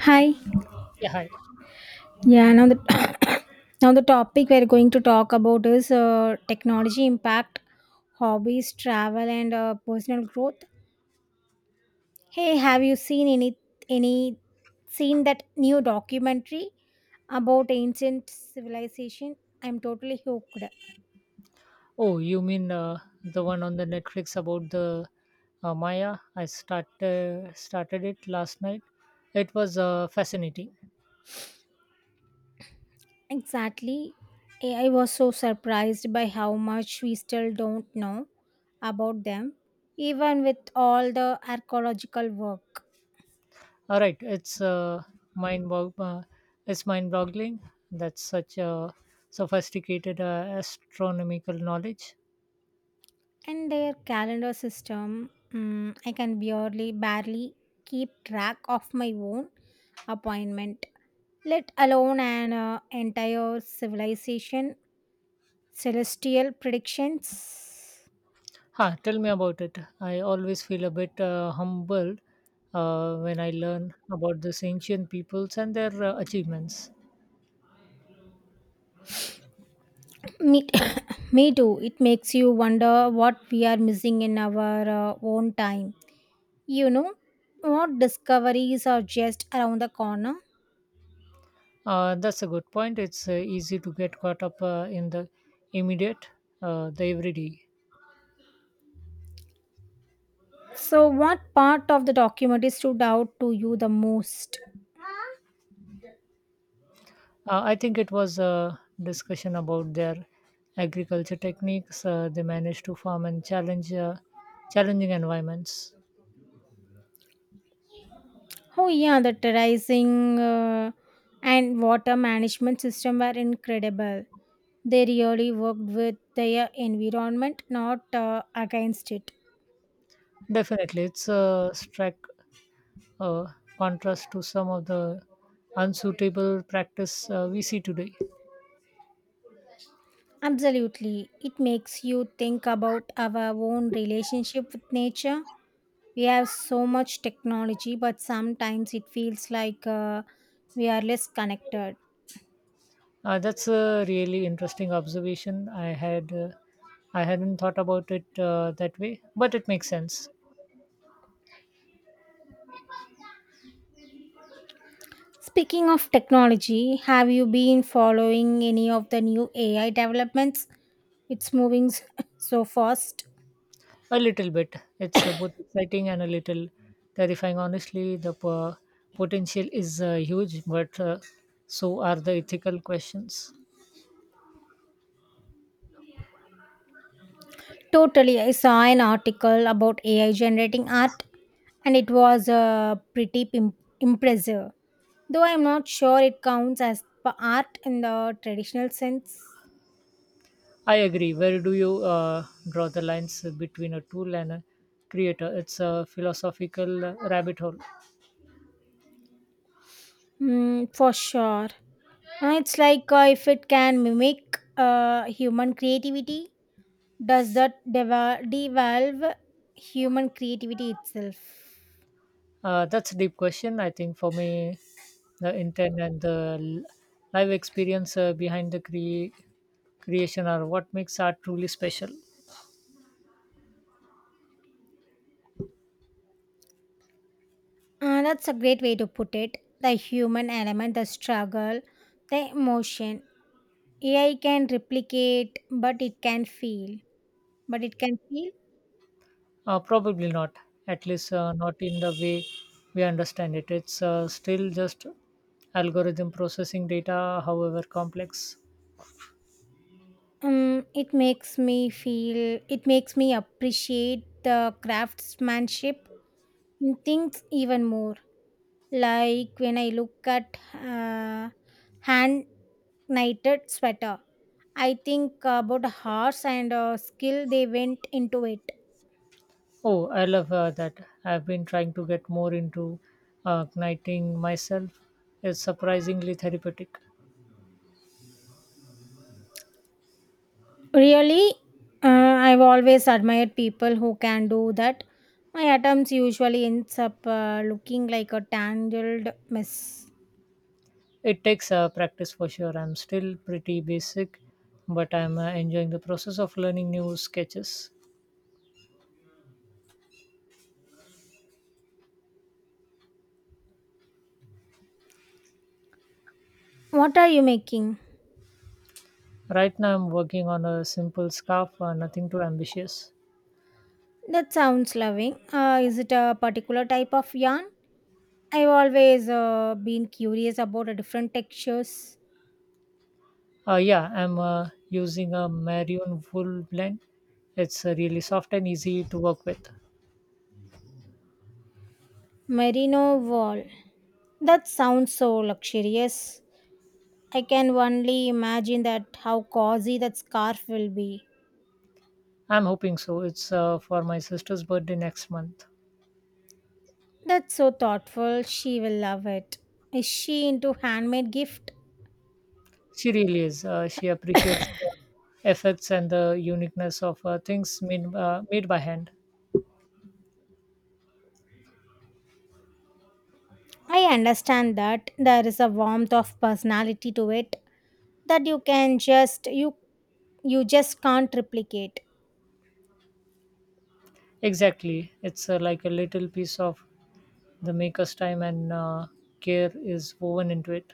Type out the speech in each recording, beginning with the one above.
Hi. Yeah, hi. Yeah, now the now the topic we're going to talk about is technology impact, hobbies, travel, and personal growth. Hey, have you seen any seen that new documentary about ancient civilization? I'm totally hooked. Oh, you mean the one on the Netflix about the Maya? I started it last night. It was fascinating. Exactly. I was so surprised by how much we still don't know about them, even with all the archaeological work. All right, it's mind bog- uh, it's mind boggling. That's such a sophisticated astronomical knowledge. And their calendar system. I can barely keep track of my own appointment, let alone an entire civilization celestial predictions. Huh, tell me about it. I always feel a bit humbled when I learn about these ancient peoples and their achievements. Me, me too it makes you wonder what we are missing in our own time you know what discoveries are just around the corner. That's a good point. It's easy to get caught up in the immediate, the everyday. So what part of the documentary stood out to you the most? I think it was a discussion about their agriculture techniques. They managed to farm and challenge challenging environments. Oh yeah, the terracing and water management system were incredible. They really worked with their environment, not against it. Definitely, it's a stark uh, contrast to some of the unsuitable practice we see today. Absolutely. It makes you think about our own relationship with nature. We have so much technology, but sometimes it feels like we are less connected. That's a really interesting observation. I hadn't thought about it that way, but it makes sense. Speaking of technology, have you been following any of the new AI developments? It's moving s- so fast. A little bit. It's both exciting and a little terrifying. Honestly, the potential is huge, but so are the ethical questions. Totally. I saw an article about AI generating art, and it was pretty impressive. Though I'm not sure it counts as art in the traditional sense. I agree. Where do you draw the lines between a tool and a creator? It's a philosophical rabbit hole. Mm, for sure. It's like if it can mimic human creativity, does that devalve human creativity itself? That's a deep question. I think for me, the intent and the live experience behind the creation are what makes art truly special. That's a great way to put it. The human element, the struggle, the emotion. AI can replicate, but it can feel. But it can feel. Probably not, at least not in the way we understand it. It's still just algorithm processing data, however complex. It makes me feel. It makes me appreciate the craftsmanship in things even more. Like when I look at hand knitted sweater, I think about horse and skill they went into it. Oh, I love that. I've been trying to get more into igniting myself. It's surprisingly therapeutic. Really, uh, I've always admired people who can do that. My attempts usually ends up looking like a tangled mess. It takes practice for sure. I'm still pretty basic, but I'm enjoying the process of learning new sketches. What are you making? Right now, I'm working on a simple scarf, nothing too ambitious. That sounds loving. Is it a particular type of yarn? I've always been curious about the different textures. Yeah, I'm using a maroon wool blend. It's really soft and easy to work with. Merino wool. That sounds so luxurious. I can only imagine that how cozy that scarf will be. I'm hoping so. It's for my sister's birthday next month. That's so thoughtful. She will love it. Is she into handmade gift? She really is. She appreciates the effects and the uniqueness of things made, made by hand. I understand that there is a warmth of personality to it that you just can't replicate. Exactly. It's like a little piece of the maker's time and care is woven into it.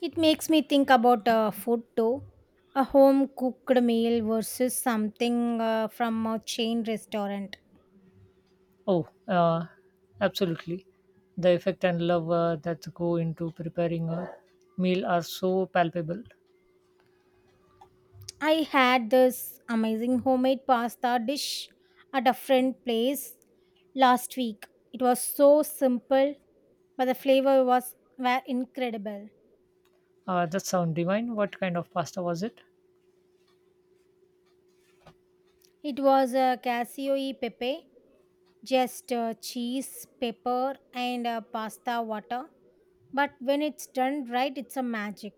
It makes me think about food too. A home cooked meal versus something from a chain restaurant. Oh, absolutely. The effect and love that go into preparing a meal are so palpable. I had this amazing homemade pasta dish at a friend place last week. It was so simple, but the flavor was were incredible. That sound divine. What kind of pasta was it? It was a casio e pepe, just cheese, pepper, and pasta water. But when it's done right, it's a magic.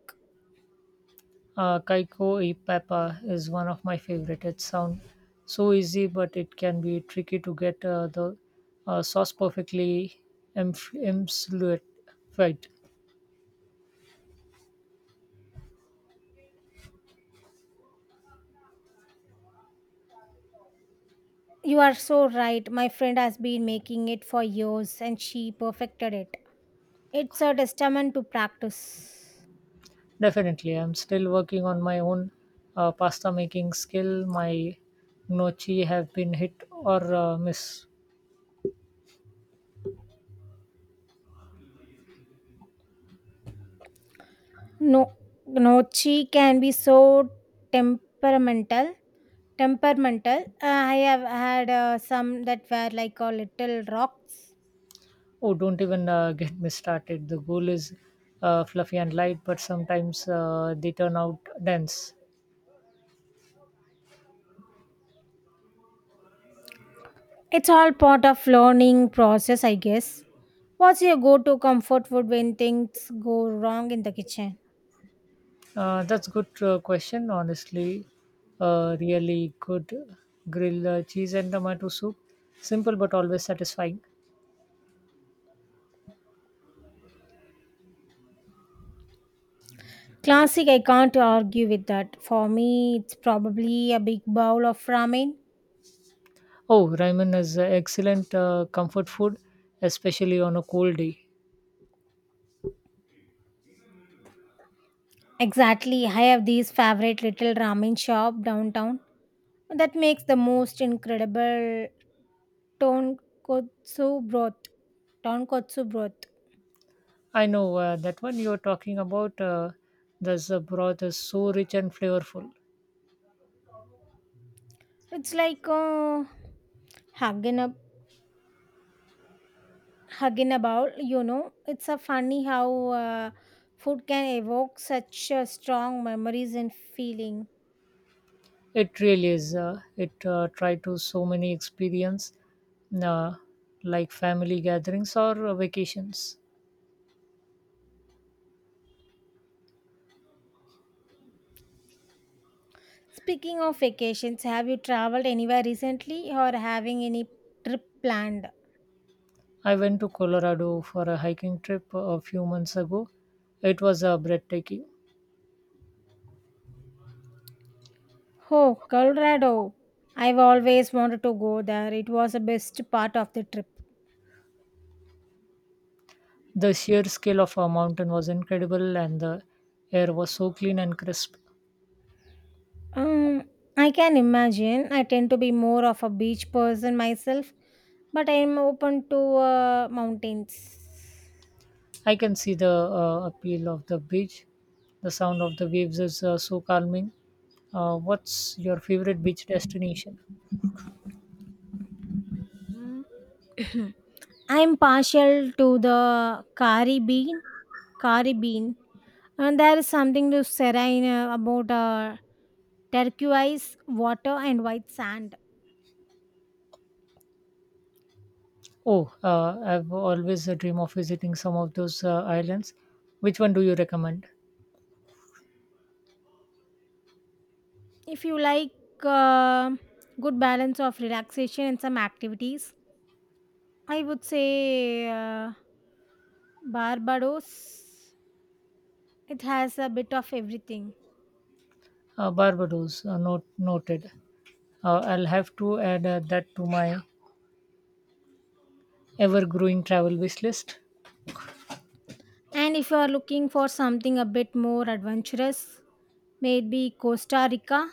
Kaiko e Papa is one of my favorite. It sounds so easy, but it can be tricky to get the sauce perfectly emulsified. You are so right. My friend has been making it for years, and she perfected it. It's a testament to practice. Definitely, I'm still working on my own pasta making skill. My gnocchi have been hit or miss. No, Nochi can be so temperamental. Temperamental. I have had some that were like a little rocks. Oh, don't even get me started. The goal is fluffy and light, but sometimes they turn out dense. It's all part of learning process, I guess. What's your go-to comfort food when things go wrong in the kitchen? That's good question, honestly. Really good grilled cheese and tomato soup. Simple but always satisfying. Classic, I can't argue with that. For me, it's probably a big bowl of ramen. Oh, ramen is excellent comfort food, especially on a cold day. Exactly, I have these favorite little ramen shop downtown that makes the most incredible tonkotsu broth tonkotsu broth. I know that one you're talking about. The broth is so rich and flavorful. It's like hugging up hugging about, it's a funny how uh, food can evoke such strong memories and feeling. It really is. It tried to so many experience, uh, like family gatherings or vacations. Speaking of vacations, have you traveled anywhere recently or having any trip planned? I went to Colorado for a hiking trip a few months ago. It was breathtaking. Oh, Colorado, I've always wanted to go there. It was the best part of the trip. The sheer scale of our mountain was incredible, and the air was so clean and crisp. Um, I can imagine. I tend to be more of a beach person myself, but I am open to mountains. I can see the appeal of the beach. The sound of the waves is so calming. What's your favorite beach destination? I am partial to the kari bean. Kari bean. And there is something to serene about turquoise water and white sand. Oh, I've always a dream of visiting some of those islands. Which one do you recommend? If you like uh, good balance of relaxation and some activities, I would say Barbados. It has a bit of everything. Barbados, not noted. I'll have to add that to my ever-growing travel wish list. And if you are looking for something a bit more adventurous, maybe Costa Rica.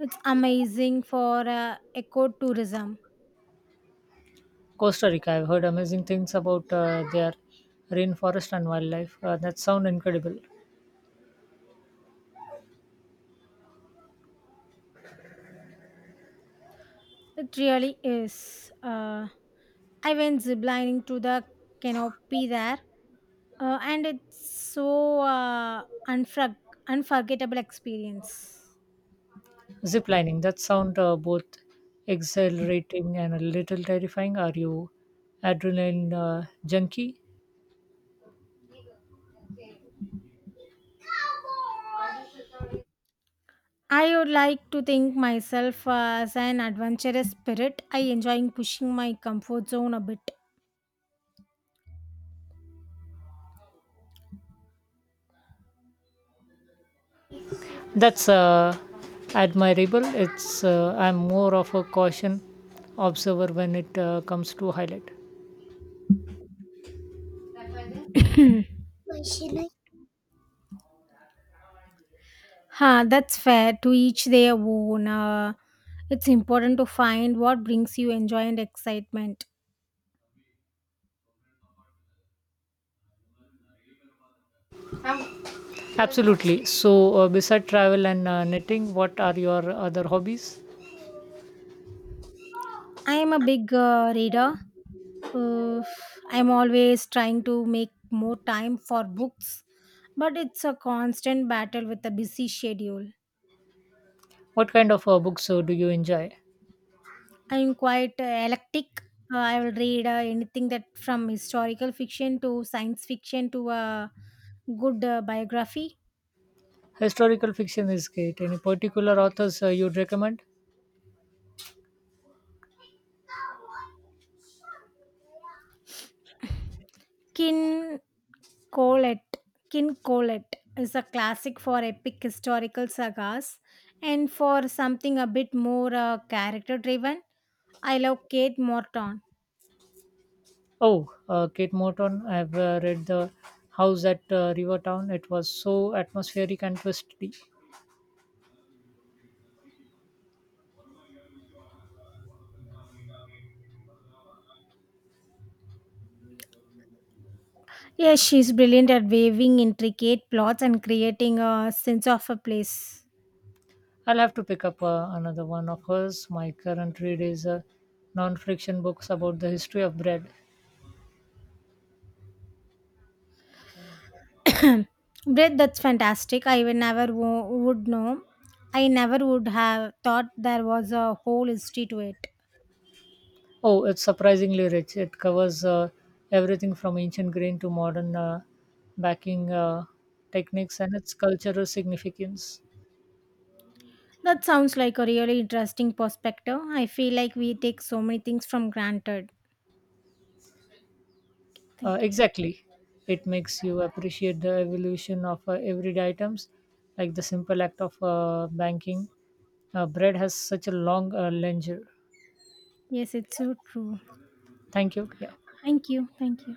It's amazing for ecotourism. Costa Rica, I've heard amazing things about their rainforest and wildlife. That sound incredible. It really is. I went ziplining to the canopy there, and it's so unforgettable experience. Zip lining, that sound both exhilarating and a little terrifying. Are you adrenaline junkie? I would like to think myself as an adventurous spirit. I enjoy pushing my comfort zone a bit. That's admirable. It's I'm more of a caution observer when it comes to highlight. Huh, that's fair, to each their own. It's important to find what brings you joy and excitement. Absolutely. So, beside travel and knitting, what are your other hobbies? I am a big reader. Uh, I'm always trying to make more time for books, but it's a constant battle with a busy schedule. What kind of books do you enjoy? I'm quite eclectic. I will read anything that from historical fiction to science fiction to a good biography. Historical fiction is great. Any particular authors you'd recommend? Kin Colette, King Colette, is a classic for epic historical sagas, and for something a bit more character driven. I love Kate Morton. Oh, Kate Morton. I've read The House at Rivertown. It was so atmospheric and twisty. Yes, she's brilliant at weaving intricate plots and creating a sense of a place. I'll have to pick up another one of hers. My current read is a non-fiction books about the history of bread. Bread, that's fantastic. I would never would know. I never would have thought there was a whole history to it. Oh, it's surprisingly rich. It covers everything from ancient grain to modern baking techniques and its cultural significance. That sounds like a really interesting perspective. I feel like we take so many things from granted. Uh, Thank you. exactly. It makes you appreciate the evolution of everyday items, like the simple act of banking. Bread has such a long lineage. Yes, it's so true. Thank you. Yeah. Thank you. Thank you.